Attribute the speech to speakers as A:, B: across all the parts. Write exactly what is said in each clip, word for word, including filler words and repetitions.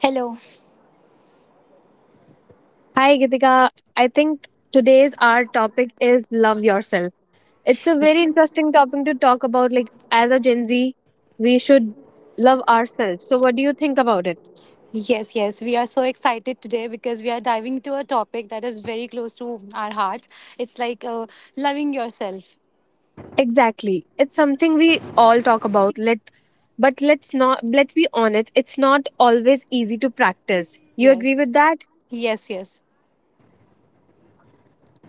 A: Hello.
B: Hi, Gitika. I think today's our topic is love yourself. It's a very interesting topic to talk about. Like, as a Gen Z, we should love ourselves. So, what do you think about it?
A: Yes, yes. We are so excited today because we are diving into a topic that is very close to our hearts. It's like uh, loving yourself.
B: Exactly. It's something we all talk about. Let but let's not let's be honest, it's not always easy to practice. You agree
A: Yes.
B: with that?
A: Yes, yes.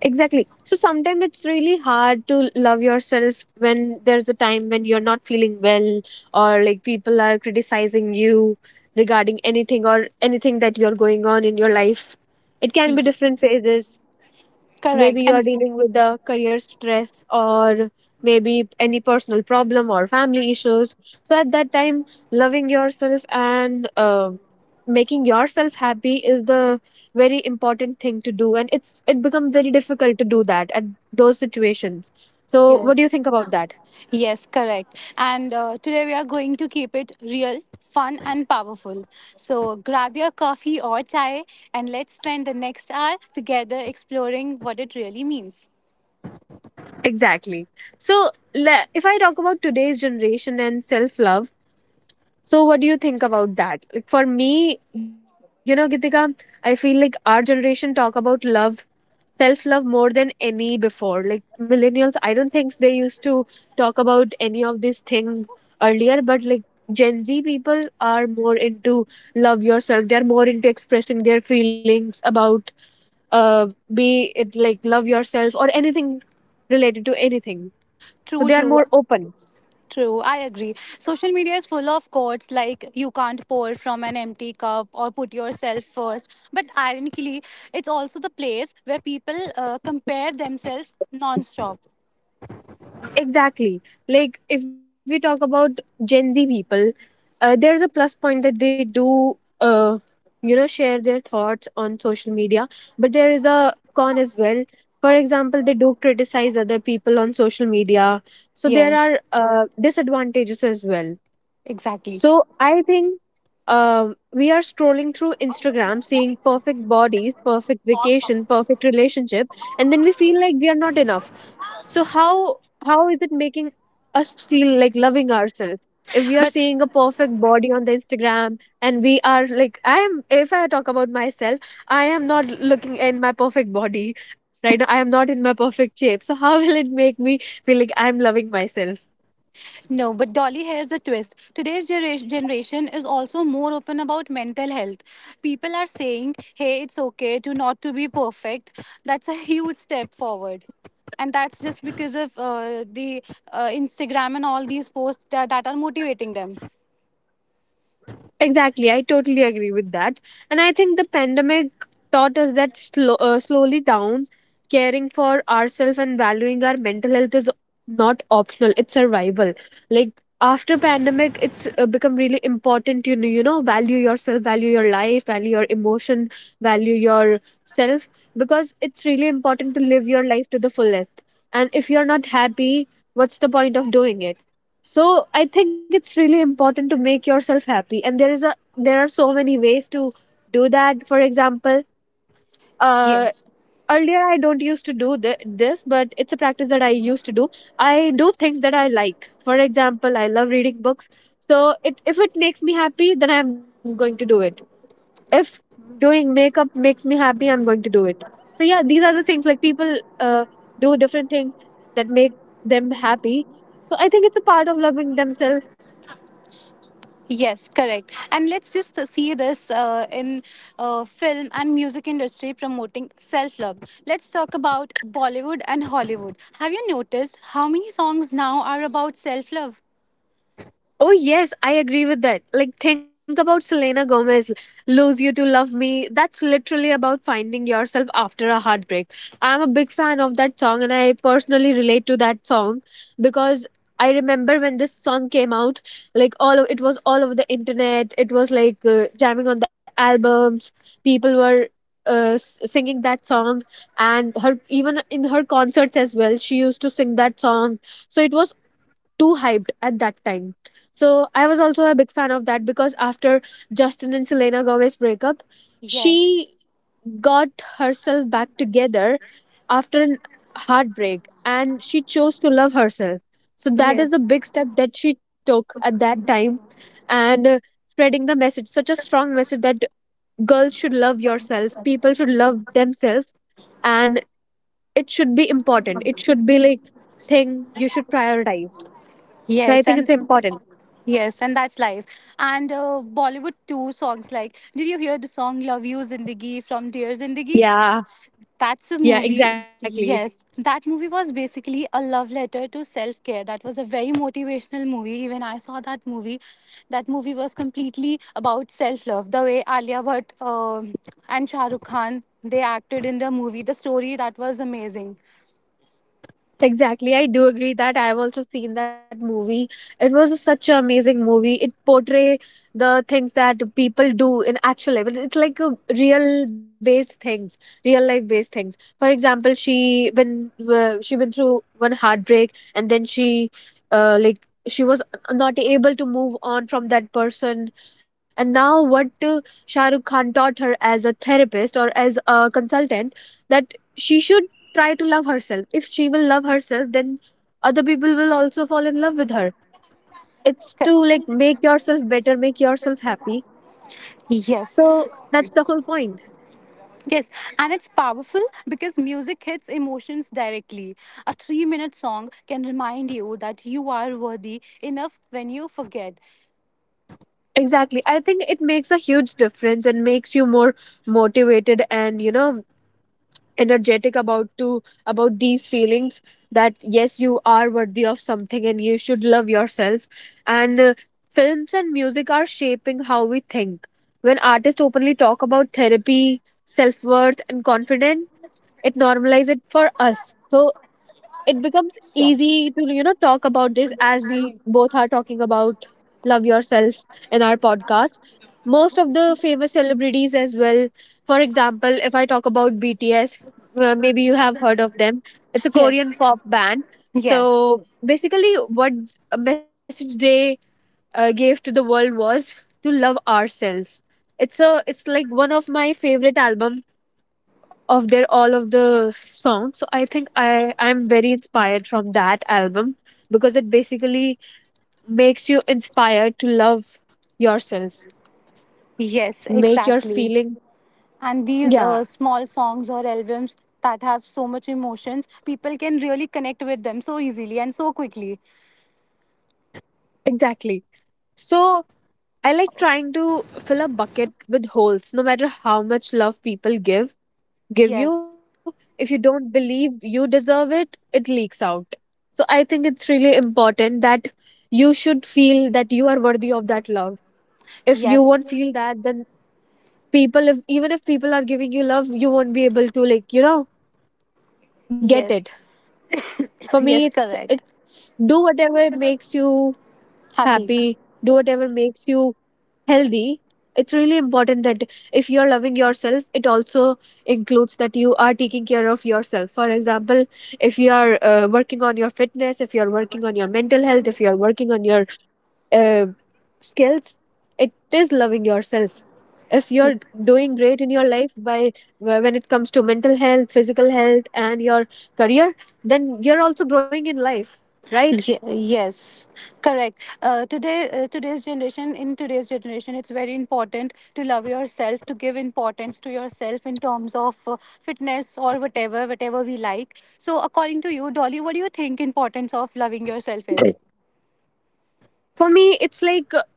B: Exactly. So sometimes it's really hard to love yourself when there's a time when you're not feeling well, or like people are criticizing you regarding anything or anything that you're going on in your life. It can be
A: Ye-
B: different phases. Maybe
A: Correct.
B: you are
A: And
B: dealing with the career stress, or maybe any personal problem or family issues. So at that time, loving yourself and uh, making yourself happy is the very important thing to do, and it's it becomes very difficult to do that at those situations. So what do you
A: yes.
B: think about that?
A: Yes, correct. And uh, today we are going to keep it real, fun, and powerful. So grab your coffee or chai and let's spend the next hour together exploring what it really means.
B: Exactly. So le- if I talk about today's generation and self love. So what do you think about that? Like for me, you know, Gitika, I feel like our generation talk about love, self-love more than any before. Like millennials, I don't think they used to talk about any of this thing earlier, but like Gen Z people are more into love yourself. They're more into expressing their feelings about uh be it like love yourself or anything related to anything. So they
A: True,
B: are
A: true.
B: more open.
A: True, I agree. Social media is full of quotes like you can't pour from an empty cup or put yourself first." But ironically, it's also the place where people uh, compare themselves non-stop.
B: Exactly. Like if we talk about Gen Z people, uh, there's a plus point that they do, uh, you know, share their thoughts on social media, but there is a con as well. For example, they do criticize other people on social media, so there
A: Yes,
B: are uh, disadvantages as well.
A: exactly.
B: So I think um, we are scrolling through Instagram, seeing perfect bodies, perfect vacation, perfect relationship, and then we feel like we are not enough. So how how is it making us feel like loving ourselves? If we are
A: But.
B: seeing a perfect body on the Instagram and we are like, I am, if I talk about myself, I am not looking in my perfect body right now. I am not in my perfect shape. So, how will it make me feel like I'm loving myself?
A: No, but Dolly, here's the twist. Today's genera- generation is also more open about mental health. People are saying, "Hey, it's okay to not to be perfect." That's a huge step forward, and that's just because of uh, the uh, Instagram and all these posts that, that are motivating them.
B: Exactly, I totally agree with that. And I think the pandemic taught us that slow, uh, slowly down, caring for ourselves and valuing our mental health is not optional, it's survival. Like after pandemic, it's uh, become really important. You know, you know, value yourself, value your life, value your emotion, value yourself, because it's really important to live your life to the fullest. And if you're not happy, what's the point of doing it? So I think it's really important to make yourself happy, and there is a there are so many ways to do that. For example, uh
A: Yes.
B: earlier I don't used to do th- this but it's a practice that I used to do. Do things that I like. For example, I love reading books. So it if it makes me happy, then I'm going to do it. If doing makeup makes me happy, I'm going to do it. So yeah, these are the things like people uh do different things that make them happy. So I think it's a part of loving themselves.
A: Yes, correct. And let's just see this uh, in uh, film and music industry promoting self love. Let's talk about Bollywood and Hollywood. Have you noticed how many songs now are about self love?
B: Oh, yes, I agree with that. Like, think about Selena Gomez, Lose You to Love Me. That's literally about finding yourself after a heartbreak. I'm a big fan of that song, and I personally relate to that song because I remember when this song came out, like, all of it was all over the internet. It was like uh, jamming on the albums. People were uh, s- singing that song, and her even in her concerts as well, she used to sing that song. So, it was too hyped at that time. So was also a big fan of that because after Justin and Selena Gomez breakup,
A: Yes.
B: she got herself back together after an heartbreak, and she chose to love herself. So that is the big step that she took at that time, and uh, spreading the message, such a strong message that girls should love yourself, people should love themselves, and it should be important. It should be like thing you should prioritize. So I
A: Yes,
B: think
A: and
B: it's important.
A: yes, and that's life. And uh, Bollywood too, songs like did you hear the song "Love You Zindagi" from Dear Zindagi?
B: Yeah,
A: That's a
B: yeah,
A: movie.
B: exactly.
A: Yes, that movie was basically a love letter to self care. That was a very motivational movie. Even I saw that movie. That movie was completely about self love. The way Alia Bhatt um and Shah Rukh Khan they acted in the movie, the story that was amazing.
B: Exactly. I do agree that I've also seen that movie. It was such an amazing movie. It portray the things that people do in actual life. It- It's like a real based things, real life based things. For example, she when uh, she went through one heartbreak, and then she uh, like she was not able to move on from that person, and now what uh, Shah Rukh Khan taught her as a therapist or as a consultant, that she should try to love herself. If she will love herself, then other people will also fall in love with her. It's
A: K-
B: to like make yourself better, make yourself happy.
A: Yes,
B: So that's the whole point.
A: yes, and it's powerful because music hits emotions directly. A three minute song can remind you that you are worthy enough when you forget.
B: Exactly. I think it makes a huge difference and makes you more motivated and, you know, energetic about to about these feelings, that yes, you are worthy of something and you should love yourself. And uh, films and music are shaping how we think. When artists openly talk about therapy, self-worth and confidence, it normalizes it for us. So it becomes
A: Yes,
B: easy to, you know, talk about this, as we both are talking about love yourself in our podcast. Most of the famous celebrities as well. For example, if I talk about BTS, uh, maybe you have heard of them. It's a
A: yes,
B: Korean pop band. So
A: yes.
B: basically, what a message they uh, gave to the world was to love ourselves. It's a it's like one of my favorite album of their all of the songs. So I think i i'm very inspired from that album, because it basically makes you inspired to love yourself,
A: Yes,
B: make your
A: exactly.
B: feeling.
A: And these
B: Yeah,
A: uh, small songs or albums that have so much emotions, people can really connect with them so easily and so quickly.
B: exactly. So I like trying to fill a bucket with holes. No matter how much love people give,
A: Yes,
B: give you, if you don't believe you deserve it, it leaks out. So I think it's really important that you should feel that you are worthy of that love. If you
A: yes,
B: won't feel that, then people, if even if people are giving you love, you won't be able to, like, you know, get
A: yes,
B: it. For me,
A: yes,
B: it's it
A: correct.
B: do whatever it makes you
A: Happy.
B: happy. Do whatever makes you healthy. It's really important that if you're loving yourself, it also includes that are taking care of yourself. For example, if you are uh, working on your fitness, if you're working on your mental health, if you're working on your uh, skills, it is loving yourself. If you're doing great in your life by wh- when it comes to mental health, physical health and your career, then you're also growing in life, right?
A: Ye- yes, correct. Uh, today uh, today's generation, in today's generation, it's very important to love yourself, to give importance to yourself in terms of uh, fitness or whatever whatever we like. So, according to you, Dolly, what do you think importance of loving yourself is?
B: For me it's like, uh,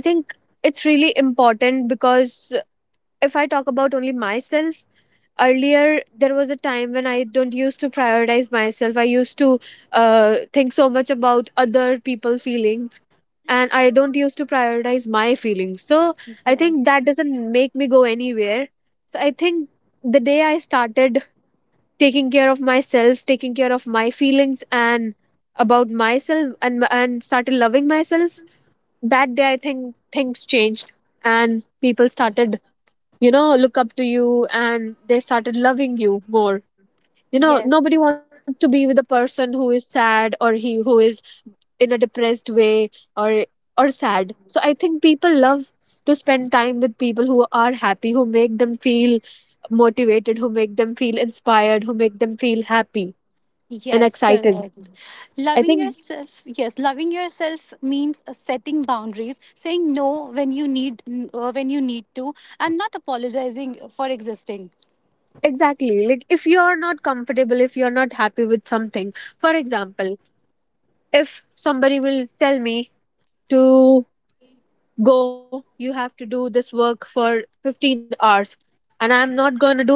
B: I think it's important because if I talk about only myself, earlier there was a time when I don't used to prioritize myself. I used to uh, think so much about other people's feelings, and I don't used to prioritize my feelings. So I think
A: Yes.
B: that doesn't make me go anywhere. So I think the day I started taking care of myself, taking care of my feelings and about myself, and and started loving myself, that day I think things changed, and people started, you know, look up to you, and they started loving you more. You know,
A: Yes,
B: nobody wants to be with a person who is sad or he who is in a depressed way, or or sad. So I think people love to spend time with people who are happy, who make them feel motivated, who make them feel inspired, who make them feel happy and
A: yes,
B: excited.
A: correct.
B: I
A: Loving
B: think
A: yourself, yes, loving yourself means uh, setting boundaries, saying no when you need uh, when you need to, and not apologizing for existing.
B: exactly, like if you are not comfortable, if you are not happy with something, for example, if somebody will tell me to go, you have to do this work for fifteen hours, and I'm not going to do that.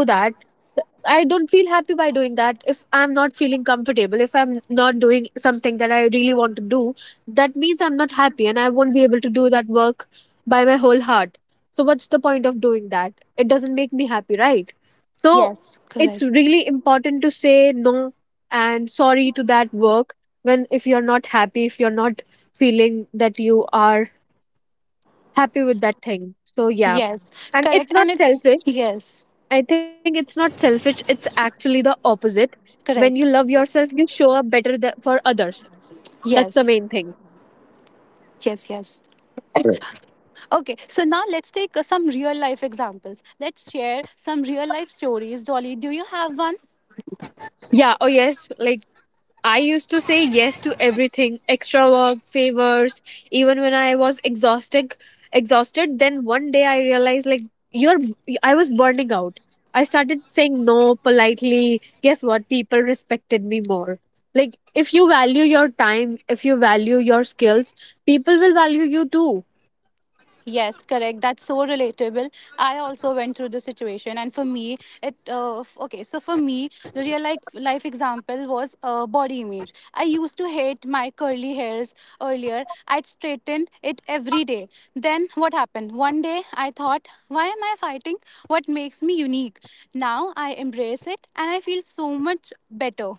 B: I don't feel happy by doing that. If I'm not feeling comfortable, if I'm not doing something that I really want to do, that means I'm not happy, and I won't be able to do that work by my whole heart. So what's the point of doing that? It doesn't make me happy, right? So
A: Yes,
B: it's
A: correct.
B: really important to say no and sorry to that work, when if you're not happy, if you're not feeling that you are happy with that thing. So yeah.
A: Yes,
B: And
A: correct.
B: it's not
A: And it's,
B: selfish.
A: yes,
B: I think it's not selfish. It's actually the opposite. When you
A: correct.
B: love yourself, you show up better th- for others. That's the
A: Yes,
B: main thing.
A: yes, yes. Okay, so now let's take uh, some real life examples. Let's share some real life stories. Dolly, do you have one?
B: Yeah. Oh, yes. Like, I used to say yes to everything, extra work, favors, even when I was exhausted, exhausted. Then one day I realized like you're I was burning out. I started saying no politely. Guess what? People respected me more. Like, if you value your time, if you value your skills, people will value you too.
A: Yes, correct. That's so relatable. I also went through the situation, and for me, it uh, f- okay. So for me, the real life life example was uh, body image. I used to hate my curly hairs earlier. I'd straighten it every day. Then what happened? One day, I thought, why am I fighting? What makes me unique? Now I embrace it, and I feel so much better.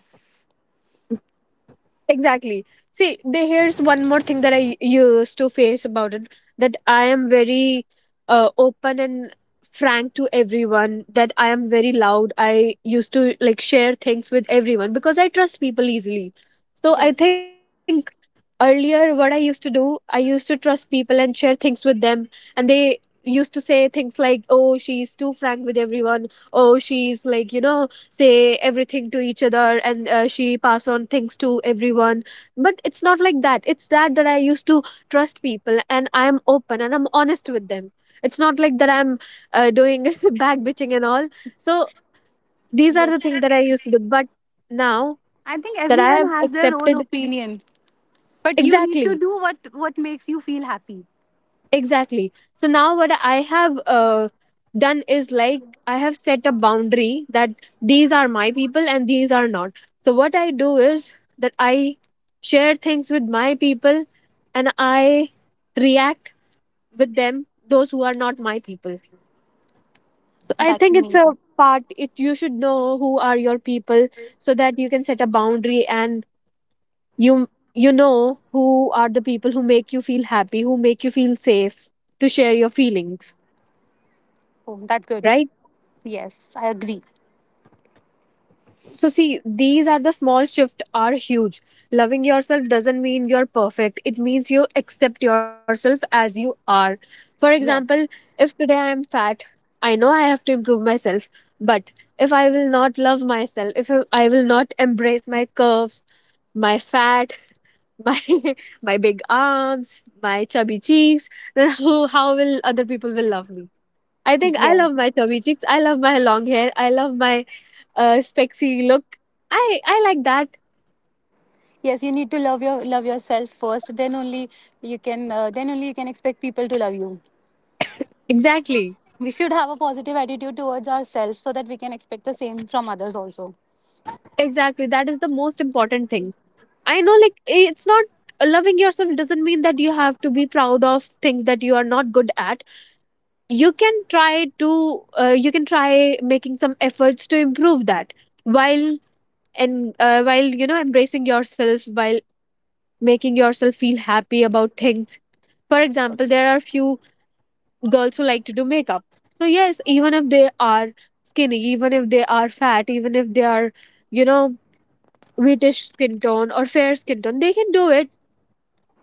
B: Exactly. See, the, here's one more thing that I u- used to face about it, that I am very uh, open and frank to everyone, that I am very loud. I used to like share things with everyone because I trust people easily. So I
A: Yes,
B: think earlier, what I used to do, I used to trust people and share things with them, and they used to say things like, oh, she's too frank with everyone, oh, she's like, you know, say everything to each other, and uh, she pass on things to everyone, but it's not like that. It's that that i used to trust people, and I am open and I'm honest with them. It's not like that I'm uh, doing back bitching and all. So these are
A: yes.
B: the things that I used to do, but now
A: I think
B: that I
A: everyone
B: have
A: has their own
B: accepted.
A: opinion, but you need to
B: Exactly.
A: do what what makes you feel happy.
B: Exactly. So now what I have uh, done is like I have set a boundary that these are my people and these are not. So what I do is that I share things with my people, and I react with them those who are not my people. So I
A: That's
B: think it's a
A: amazing.
B: part it, you should know who are your people so that you can set a boundary and you you know who are the people who make you feel happy, who make you feel safe to share your feelings.
A: Oh, that's good.
B: Right?
A: Yes, I agree.
B: So, see, these are the small shifts are huge. Loving yourself doesn't mean you're perfect, it means you accept yourself as you are. For example,
A: Yes,
B: if today I am fat, I know I have to improve myself, but if I will not love myself, if I will not embrace my curves, my fat, my my big arms, my chubby cheeks, then who, how will other people will love me? I think I love
A: yes,
B: my chubby cheeks. I love my long hair. I love my uh, spexy look. I I like that.
A: yes. You need to love your love yourself first. Then only you can. Uh, then only you can expect people to love you.
B: Exactly.
A: We should have a positive attitude towards ourselves so that we can expect the same from others also.
B: Exactly, that is the most important thing. I know, like it's not uh, loving yourself doesn't mean that you have to be proud of things that you are not good at. You can try to uh, you can try making some efforts to improve that, while and uh, while, you know, embracing yourself, while making yourself feel happy about things. For example, there are few girls who like to do makeup. So yes, even if they are skinny, even if they are fat, even if they are, you know, wheatish skin tone or fair skin tone, they can do it.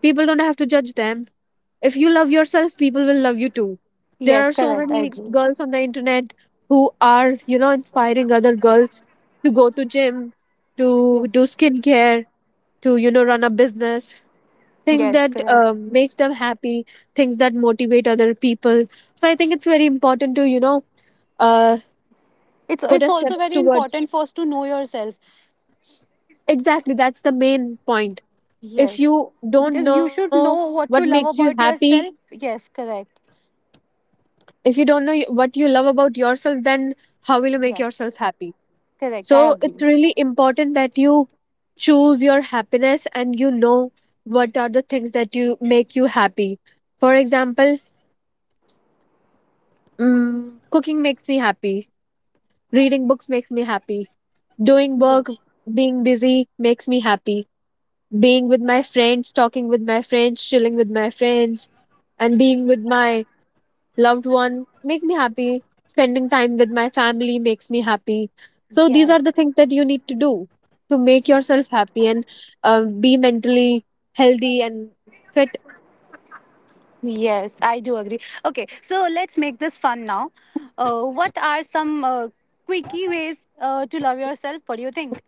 B: People don't have to judge them. If you love yourself, people will love you too. There
A: Yes,
B: are so
A: correct. I
B: many
A: agree.
B: girls on the internet who are, you know, inspiring other girls to go to gym, to do
A: Yes,
B: skincare, to, you know, run a business, things
A: yes,
B: that
A: correct.
B: um, make them happy, things that motivate other people. So I think it's very important to, you know, uh,
A: It's
B: put
A: it's
B: a step
A: also very
B: towards.
A: important for us to know yourself.
B: Exactly, that's the main point. If
A: Yes,
B: you don't
A: because you
B: know
A: should
B: what
A: know what
B: makes
A: to
B: you
A: love about
B: happy,
A: yourself. Yes, correct.
B: if you don't know y- what you love about yourself, then how will you make
A: Yes,
B: yourself happy?
A: correct. I
B: So it's
A: agree.
B: really important that you choose your happiness and you know what are the things that you make you happy. For example, mm, cooking makes me happy. Reading books makes me happy. Doing work, being busy makes me happy, being with my friends, talking with my friends, chilling with my friends, and being with my loved one make me happy. Spending time with my family makes me happy. So these are the
A: Yes.
B: things that you need to do to make yourself happy and um, be mentally healthy and fit.
A: Yes, I do agree. Okay, so let's make this fun now. Uh, what are some uh, quickie ways uh, to love yourself? What do you think?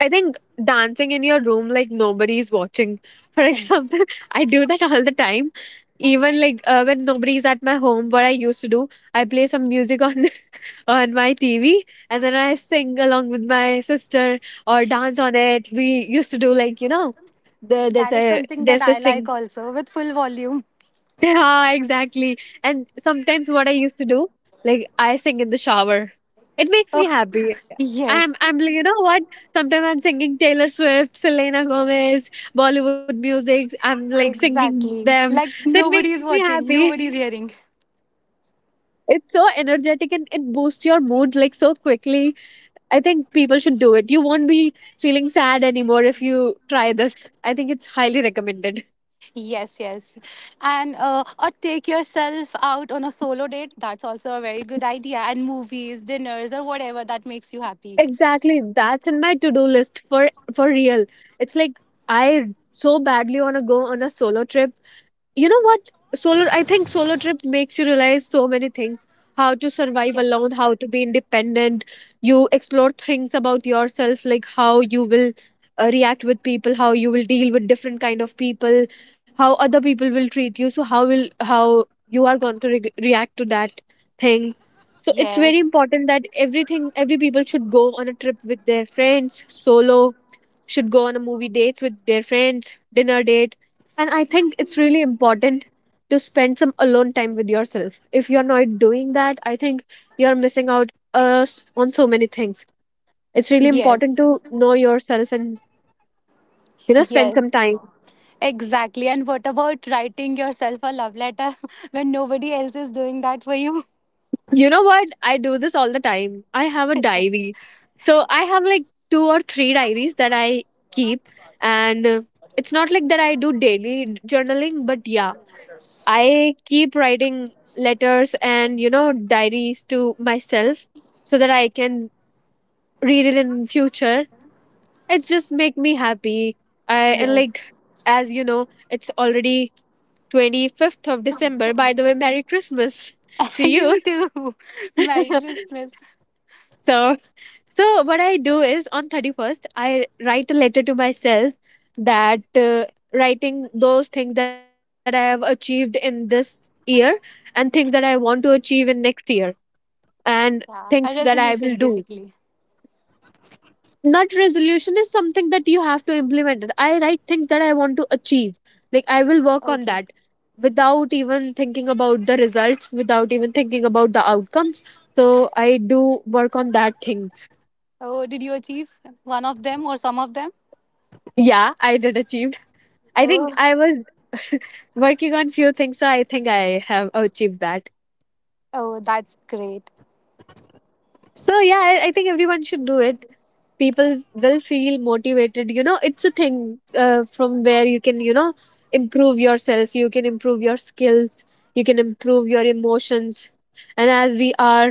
B: I think dancing in your room like nobody's watching. For example, I do that all the time. Even like uh, when nobody's at my home, what I used to do, I play some music on on my T V, and then I sing along with my sister or dance on it. We used to do, like, you know, the there's
A: That is
B: a
A: something that
B: there's this
A: I like
B: thing.
A: also with full volume.
B: Yeah, exactly. And sometimes what I used to do, like I sing in the shower. It makes
A: Oh,
B: me happy.
A: yes,
B: I'm I'm like, you know what? Sometimes I'm singing Taylor Swift, Selena Gomez, Bollywood music. I'm like singing them.
A: exactly.
B: That
A: Like
B: makes me
A: nobody is
B: happy.
A: watching, nobody is hearing.
B: It's so energetic and it boosts your mood like so quickly. I think people should do it. You won't be feeling sad anymore if you try this. I think it's highly recommended.
A: Yes, yes. And uh, or take yourself out on a solo date. That's also a very good idea. And movies, dinners, or whatever that makes you happy.
B: Exactly. That's in my to-do list, for for real. It's like I so badly want to go on a solo trip. You know what, solo, I think solo trip makes you realize so many things, how to survive
A: Yes,
B: alone, how to be independent, you explore things about yourself, like how you will uh, react with people, how you will deal with different kind of people, how other people will treat you, so how will, how you are going to re- react to that thing. So it's
A: yes,
B: very important that everything, every people should go on a trip with their friends, solo, should go on a movie dates with their friends, dinner date. And I think it's really important to spend some alone time with yourself. If you're not doing that, I think you're missing out uh, s- on so many things. It's really important
A: yes,
B: to know yourself and, you know, spend some
A: yes.
B: time.
A: Exactly. And what about writing yourself a love letter when nobody else is doing that for you?
B: You know what? I do this all the time. I have a diary. So I have like two or three diaries that I keep, and uh, it's not like that I do daily journaling, but yeah, I keep writing letters and, you know, diaries to myself so that I can read it in future. It just make me happy. I and
A: Yes.
B: like, as you know, it's already twenty-fifth of December. By the way, Merry Christmas to you.
A: You too. Merry Christmas.
B: So, so what I do is on thirty-first I write a letter to myself, that uh, writing those things that I have achieved in this year, and things that I want to achieve in next year, and things
A: Yeah.
B: that
A: A
B: I will do.
A: resolution, basically.
B: Not resolution is something that you have to implement it. I write things that I want to achieve. Like I will work on
A: Okay.
B: that without even thinking about the results, without even thinking about the outcomes. So I do work on that things.
A: Oh, did you achieve one of them or some of them?
B: Yeah, I did achieved. I
A: Oh,
B: think I was working on few things, so I think I have achieved that.
A: oh, that's great.
B: So yeah, I, I think everyone should do it. People will feel motivated, you know, it's a thing uh, from where you can, you know, improve yourself, you can improve your skills, you can improve your emotions. And as we are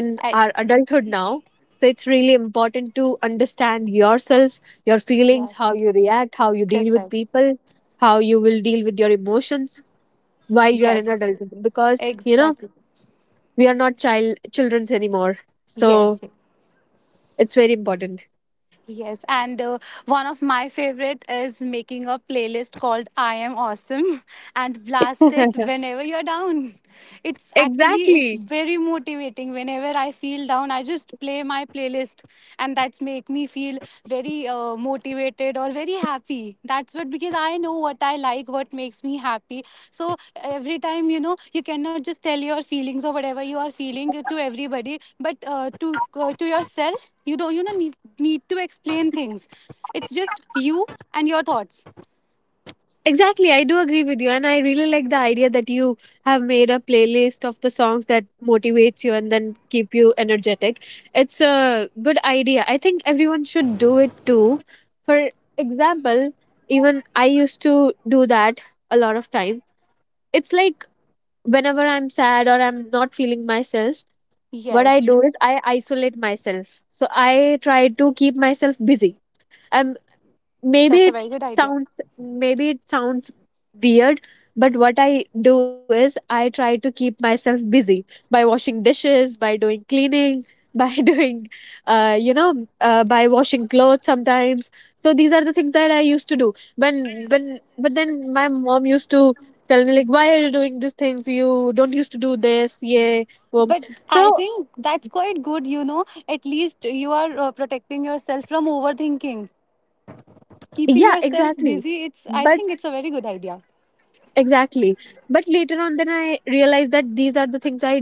B: in
A: I,
B: our adulthood now, so it's really important to understand yourself, your feelings,
A: yes.
B: how you react, how you deal with
A: Correct.
B: people, how you will deal with your emotions while you are in
A: Yes.
B: adulthood, because, you know,
A: Exactly.
B: we are not child, children's anymore. So
A: Yes.
B: it's very important.
A: Yes, and uh, one of my favorite is making a playlist called I am awesome and blast it whenever you're down. It's actually it's
B: Exactly.
A: very motivating whenever I feel down. I just play my playlist, and that's make me feel very uh, motivated or very happy. That's what because I know what I like, what makes me happy. So every time you know you cannot just tell your feelings or whatever you are feeling to everybody, but uh, to uh, to yourself, you don't you know need, need to explain things. It's just you and your thoughts.
B: Exactly, I do agree with you, and I really like the idea that you have made a playlist of the songs that motivates you and then keep you energetic. It's a good idea. I think everyone should do it too. For example, even I used to do that a lot of time. It's like whenever I'm sad or I'm not feeling myself, what I
A: Yes,
B: do is I isolate myself. So I try to keep myself busy. I'm, maybe
A: that's a
B: it
A: very good idea.
B: sounds, maybe it sounds weird, but what I do is I try to keep myself busy by washing dishes, by doing cleaning, by doing uh, you know, uh, by washing clothes sometimes. So these are the things that I used to do when when but then my mom used to tell me like, why are you doing these things, you don't used to do this, yeah, well,
A: But
B: so
A: I think that's quite good, you know. At least you are uh, protecting yourself from overthinking. Keeping
B: yeah,
A: yourself
B: exactly,
A: busy, it's I
B: but
A: think it's a very good idea.
B: exactly, but later on then I realized that these are the things I.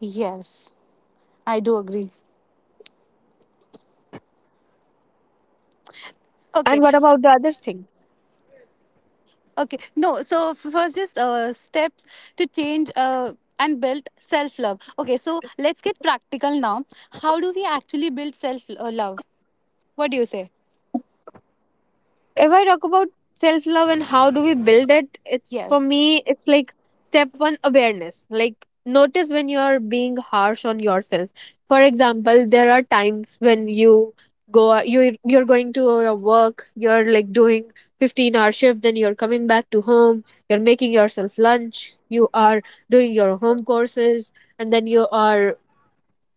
A: Yes. I do agree.
B: And what
A: Okay,
B: about the other thing?
A: okay. No, so f- first, just uh, steps to change uh, and build self love. Okay, so let's get practical now. How do we actually build self uh, love? What do you say?
B: If I talk about self love and how do we build it, it's, for
A: Yes.
B: me, it's like step one awareness. Like, notice you're being harsh on yourself. For example, there are times when you go you you're going to your work, you're like doing fifteen hour shift, then you're coming back to home, you're making yourself lunch, you are doing your home courses, and then you are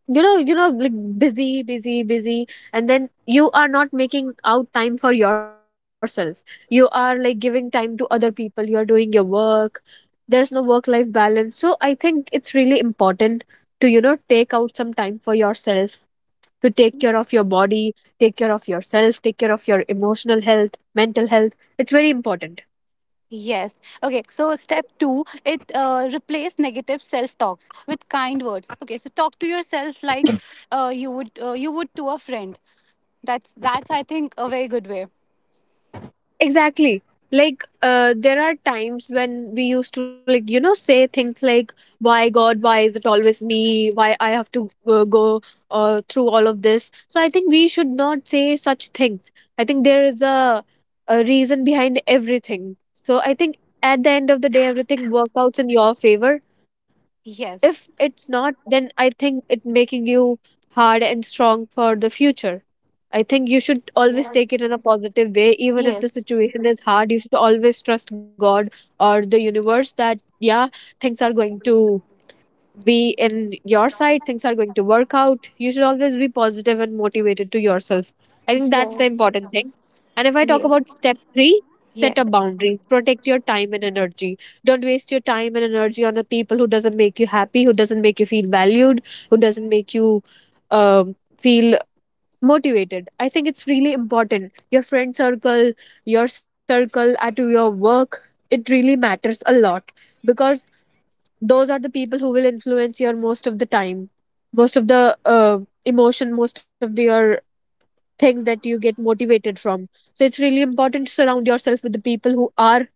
B: you know you know like busy busy busy, and then you are not making out time for yourself. You are like giving time to other people, you are doing your work. There's no work life balance, so I think it's really important to you know take out some time for yourself, to take care of your body, take care of yourself, take care of your emotional health, mental health. It's very important.
A: Yes. Okay. So step two, it uh, replace negative self talks with kind words. Okay. So talk to yourself like uh, you would uh, you would to a friend. That's that's I think a very good way.
B: Exactly. Like, uh, there are times when we used to, like, you know, say things like, why God, why is it always me? Why I have to uh, go uh, through all of this? So I think we should not say such things. I think there is a, a reason behind everything. So I think at the end of the day, everything works out in your favor. If
A: Yes.
B: it's not, then I think it making you hard and strong for the future. I think you should always take it in a positive way, even if the
A: Yes.
B: situation is hard. You should always trust God or the universe that yeah, things are going to be in your side, things are going to work out. You should always be positive and motivated to yourself. I think
A: Yes.
B: that's the important thing. And if I talk about step three,
A: Yes.
B: set a boundary, protect your time and energy. Don't waste your time and energy on the people who doesn't make you happy, who doesn't make you feel valued, who doesn't make you um, feel motivated. I think it's really important, your friend circle, your circle at your work, it really matters a lot, because those are the people who will influence your most of the time, most of the uh, emotion, most of the your things that you get motivated from. So it's really important to surround yourself with the people who are,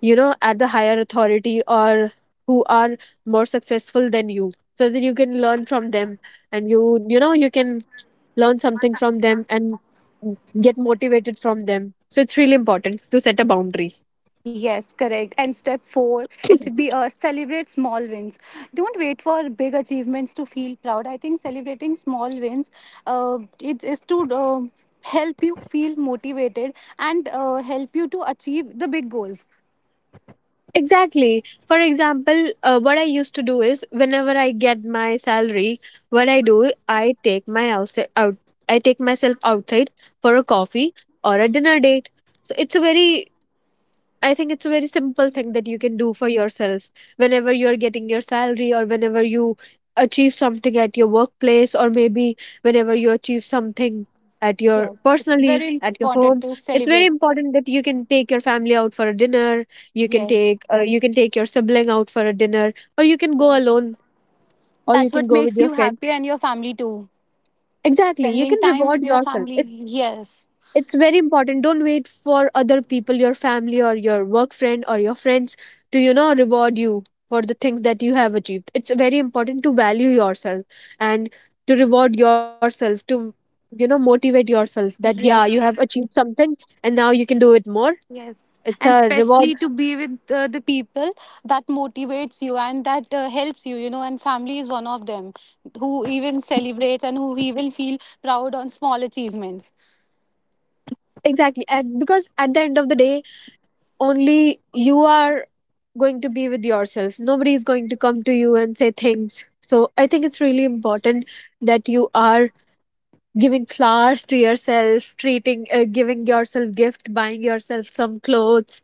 B: you know at the higher authority, or who are more successful than you, so that you can learn from them, and you you know, you can learn something from them and get motivated from them. So it's really important to set a boundary.
A: Yes, correct. And step four, it should be uh, celebrate small wins. Don't wait for big achievements to feel proud. I think celebrating small wins uh, it is to uh, help you feel motivated and uh, help you to achieve the big goals.
B: Exactly. For example, uh, what I used to do is whenever I get my salary, what I do, I take my outside out I take myself outside for a coffee or a dinner date. So it's a very, I think it's a very simple thing that you can do for yourself whenever you're getting your salary, or whenever you achieve something at your workplace, or maybe whenever you achieve something at your
A: Yes, it's
B: personally
A: very
B: at your
A: important
B: home.
A: to
B: It's very
A: celebrate.
B: important that you can take your family out for a dinner, you can
A: Yes,
B: take uh, you can take your sibling out for a dinner, or you can go
A: yes.
B: alone, or you
A: That's
B: can
A: what
B: go with
A: makes
B: your
A: you
B: friend.
A: happy, and your family too.
B: Exactly, you
A: Spending
B: can
A: time
B: reward
A: with your
B: yourself.
A: family.
B: it's
A: Yes,
B: it's very important. Don't wait for other people, your family or your work friend or your friends, to you know reward you for the things that you have achieved. It's very important to value yourself and to reward yourself, to you know motivate yourself that yeah, you
A: yes.
B: have achieved something, and now you can do it more. It's
A: And
B: a reward.
A: especially to be with uh, the people that motivates you, and that uh, helps you, you know and family is one of them, who even celebrates and who even feel proud on small achievements.
B: Exactly, and because at the end of the day, only you are going to be with yourself. Nobody is going to come to you and say things. So I think it's really important that you are giving flowers to yourself, treating, uh, giving yourself gift, buying yourself some clothes,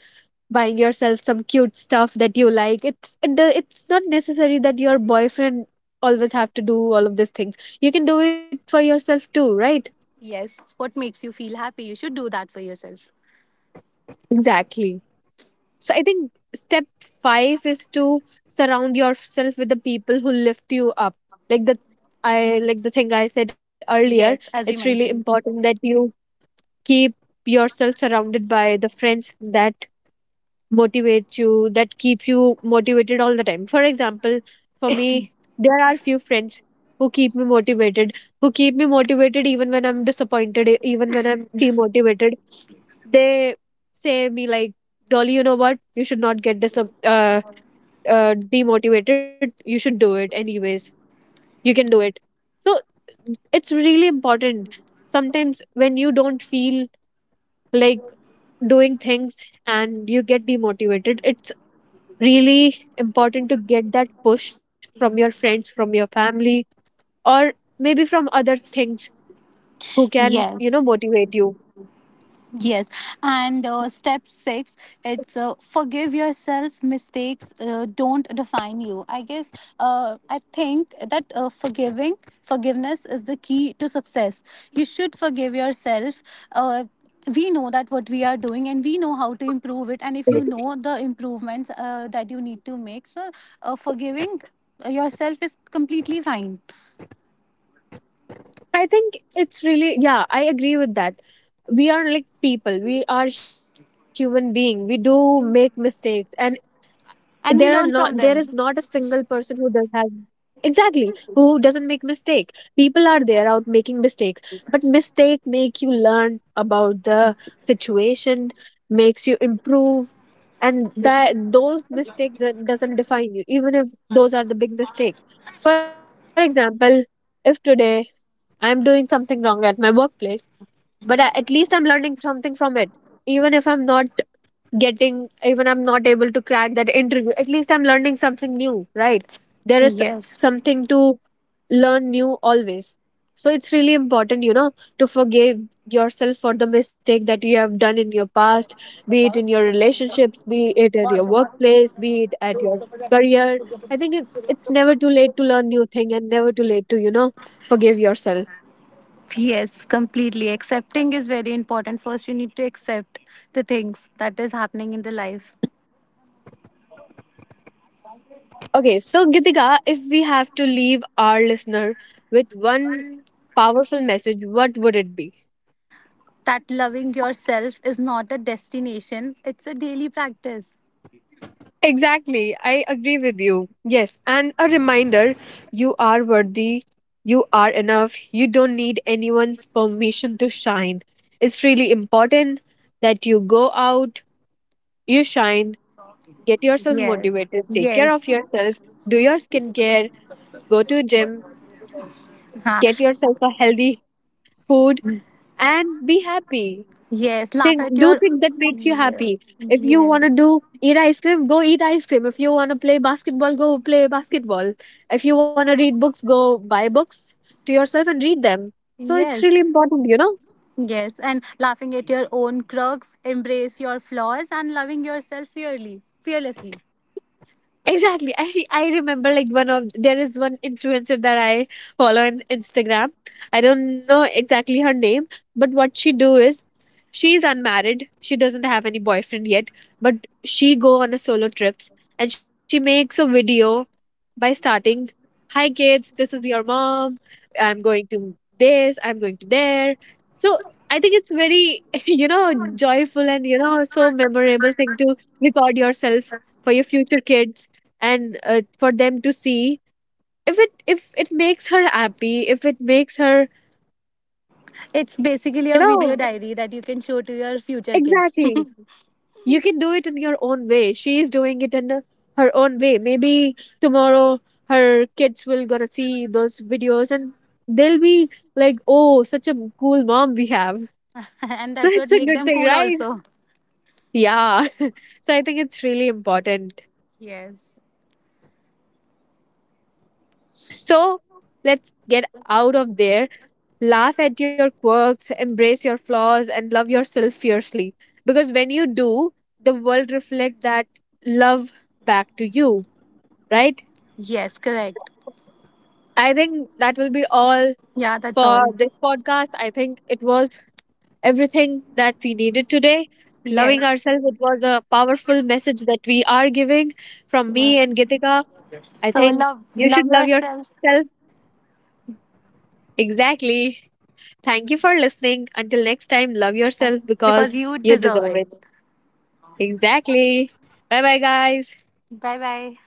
B: buying yourself some cute stuff that you like. It's it, do- it's not necessary that your boyfriend always have to do all of these things. You can do it for yourself too, right?
A: Yes, what makes you feel happy you should do that for yourself.
B: Exactly. So I think step five is to surround yourself with the people who lift you up. Like the, I like the thing I said earlier.
A: Yes,
B: It's
A: as
B: really
A: you mentioned.
B: important that you keep yourself surrounded by the friends that motivates you, that keep you motivated all the time. For example, for me, there are few friends who keep me motivated, who keep me motivated even when I'm disappointed, e- even when I'm demotivated. They say me like, dolly, you know what, you should not get dis- uh, uh, demotivated, you should do it anyways, you can do it. So it's really important, sometimes when you don't feel like doing things and you get demotivated, it's really important to get that push from your friends, from your family, or maybe from other things who can, you know,
A: Yes.
B: motivate you.
A: Yes, and uh, step six, it's uh, forgive yourself. Mistakes uh, don't define you. I guess uh, I think that uh, forgiving, forgiveness is the key to success. You should forgive yourself. Uh, we know that what we are doing, and we know how to improve it. And if you know the improvements uh, that you need to make, so uh, forgiving yourself is completely fine.
B: I think it's really, yeah, I agree with that. We are like people, we are human being. We do make mistakes, and there are not
A: And we
B: there
A: learn
B: is a
A: from
B: single
A: them.
B: person who does have. Exactly, who doesn't make mistake. People are there out making mistakes, but mistake make you learn about the situation, makes you improve, and that those mistakes that doesn't define you, even if those are the big mistake. For example, if today I'm doing something wrong at my workplace, but I, at least I'm learning something from it. Even if I'm not getting, even I'm not able to crack that interview, at least I'm learning something new, right? There is
A: Yes.
B: something to learn new always. So it's really important, you know, to forgive yourself for the mistake that you have done in your past, be it in your relationships, be it at your workplace, be it at your career. I think it, it's never too late to learn new thing, and never too late to, you know, forgive yourself.
A: Yes, completely. Accepting is very important. First, you need to accept the things that is happening in the life.
B: Okay, so Gitika, if we have to leave our listener with one powerful message, what would it be?
A: That loving yourself is not a destination, it's a daily practice.
B: Exactly. I agree with you. Yes. And a reminder, you are worthy, you are enough, you don't need anyone's permission to shine. It's really important that you go out, you shine, get yourself
A: Yes.
B: motivated, take care of
A: Yes.
B: yourself, do your skincare, go to gym,
A: Huh.
B: get yourself a healthy food, and be happy.
A: Yes. Laugh
B: Think
A: at
B: do
A: your.
B: things that makes you
A: Yeah.
B: happy. If you
A: Yes.
B: want to do eat ice cream, go eat ice cream. If you want to play basketball, go play basketball. If you want to read books, go buy books to yourself and read them. So it's really
A: Yes.
B: important, you know.
A: Yes. And laughing at your own quirks, embrace your flaws, and loving yourself fearly, fearlessly.
B: Exactly. I I remember like one of there is one influencer that I follow on Instagram. I don't know exactly her name, but what she do is, she's unmarried. She doesn't have any boyfriend yet, but she go on a solo trips, and she makes a video by starting, "Hi kids, this is your mom. I'm going to this, I'm going to there." So I think it's very you know joyful, and you know, so memorable thing to record yourself for your future kids, and uh, for them to see. If it if it makes her happy, if it makes her,
A: It's basically
B: you
A: a video
B: know,
A: diary that you can show to your future kids.
B: exactly, you can do it in your own way. She is doing it in uh, her own way. Maybe tomorrow her kids will gonna see those videos, and they'll be like, oh, such a cool mom we have. So
A: And that's
B: it's a
A: what
B: good
A: make them
B: thing,
A: cool
B: right?
A: also.
B: Yeah. So I think it's really important. So let's get out of there. Laugh at your quirks, embrace your flaws, and love yourself fiercely. Because when you do, the world reflect that love back to you, right?
A: Yes, correct.
B: I think that will be all
A: Yeah, that's
B: for
A: all.
B: this podcast. I think it was everything that we needed today. Loving
A: Yes.
B: ourselves, it was a powerful message that we are giving from
A: Yeah.
B: me and Gitika. I
A: So,
B: think
A: love
B: you should
A: love
B: love
A: yourself
B: yourself. Exactly. Thank you for listening. Until next time, love yourself because
A: because you
B: you
A: deserve
B: deserve it.
A: it.
B: Exactly. Bye bye, guys.
A: Bye bye.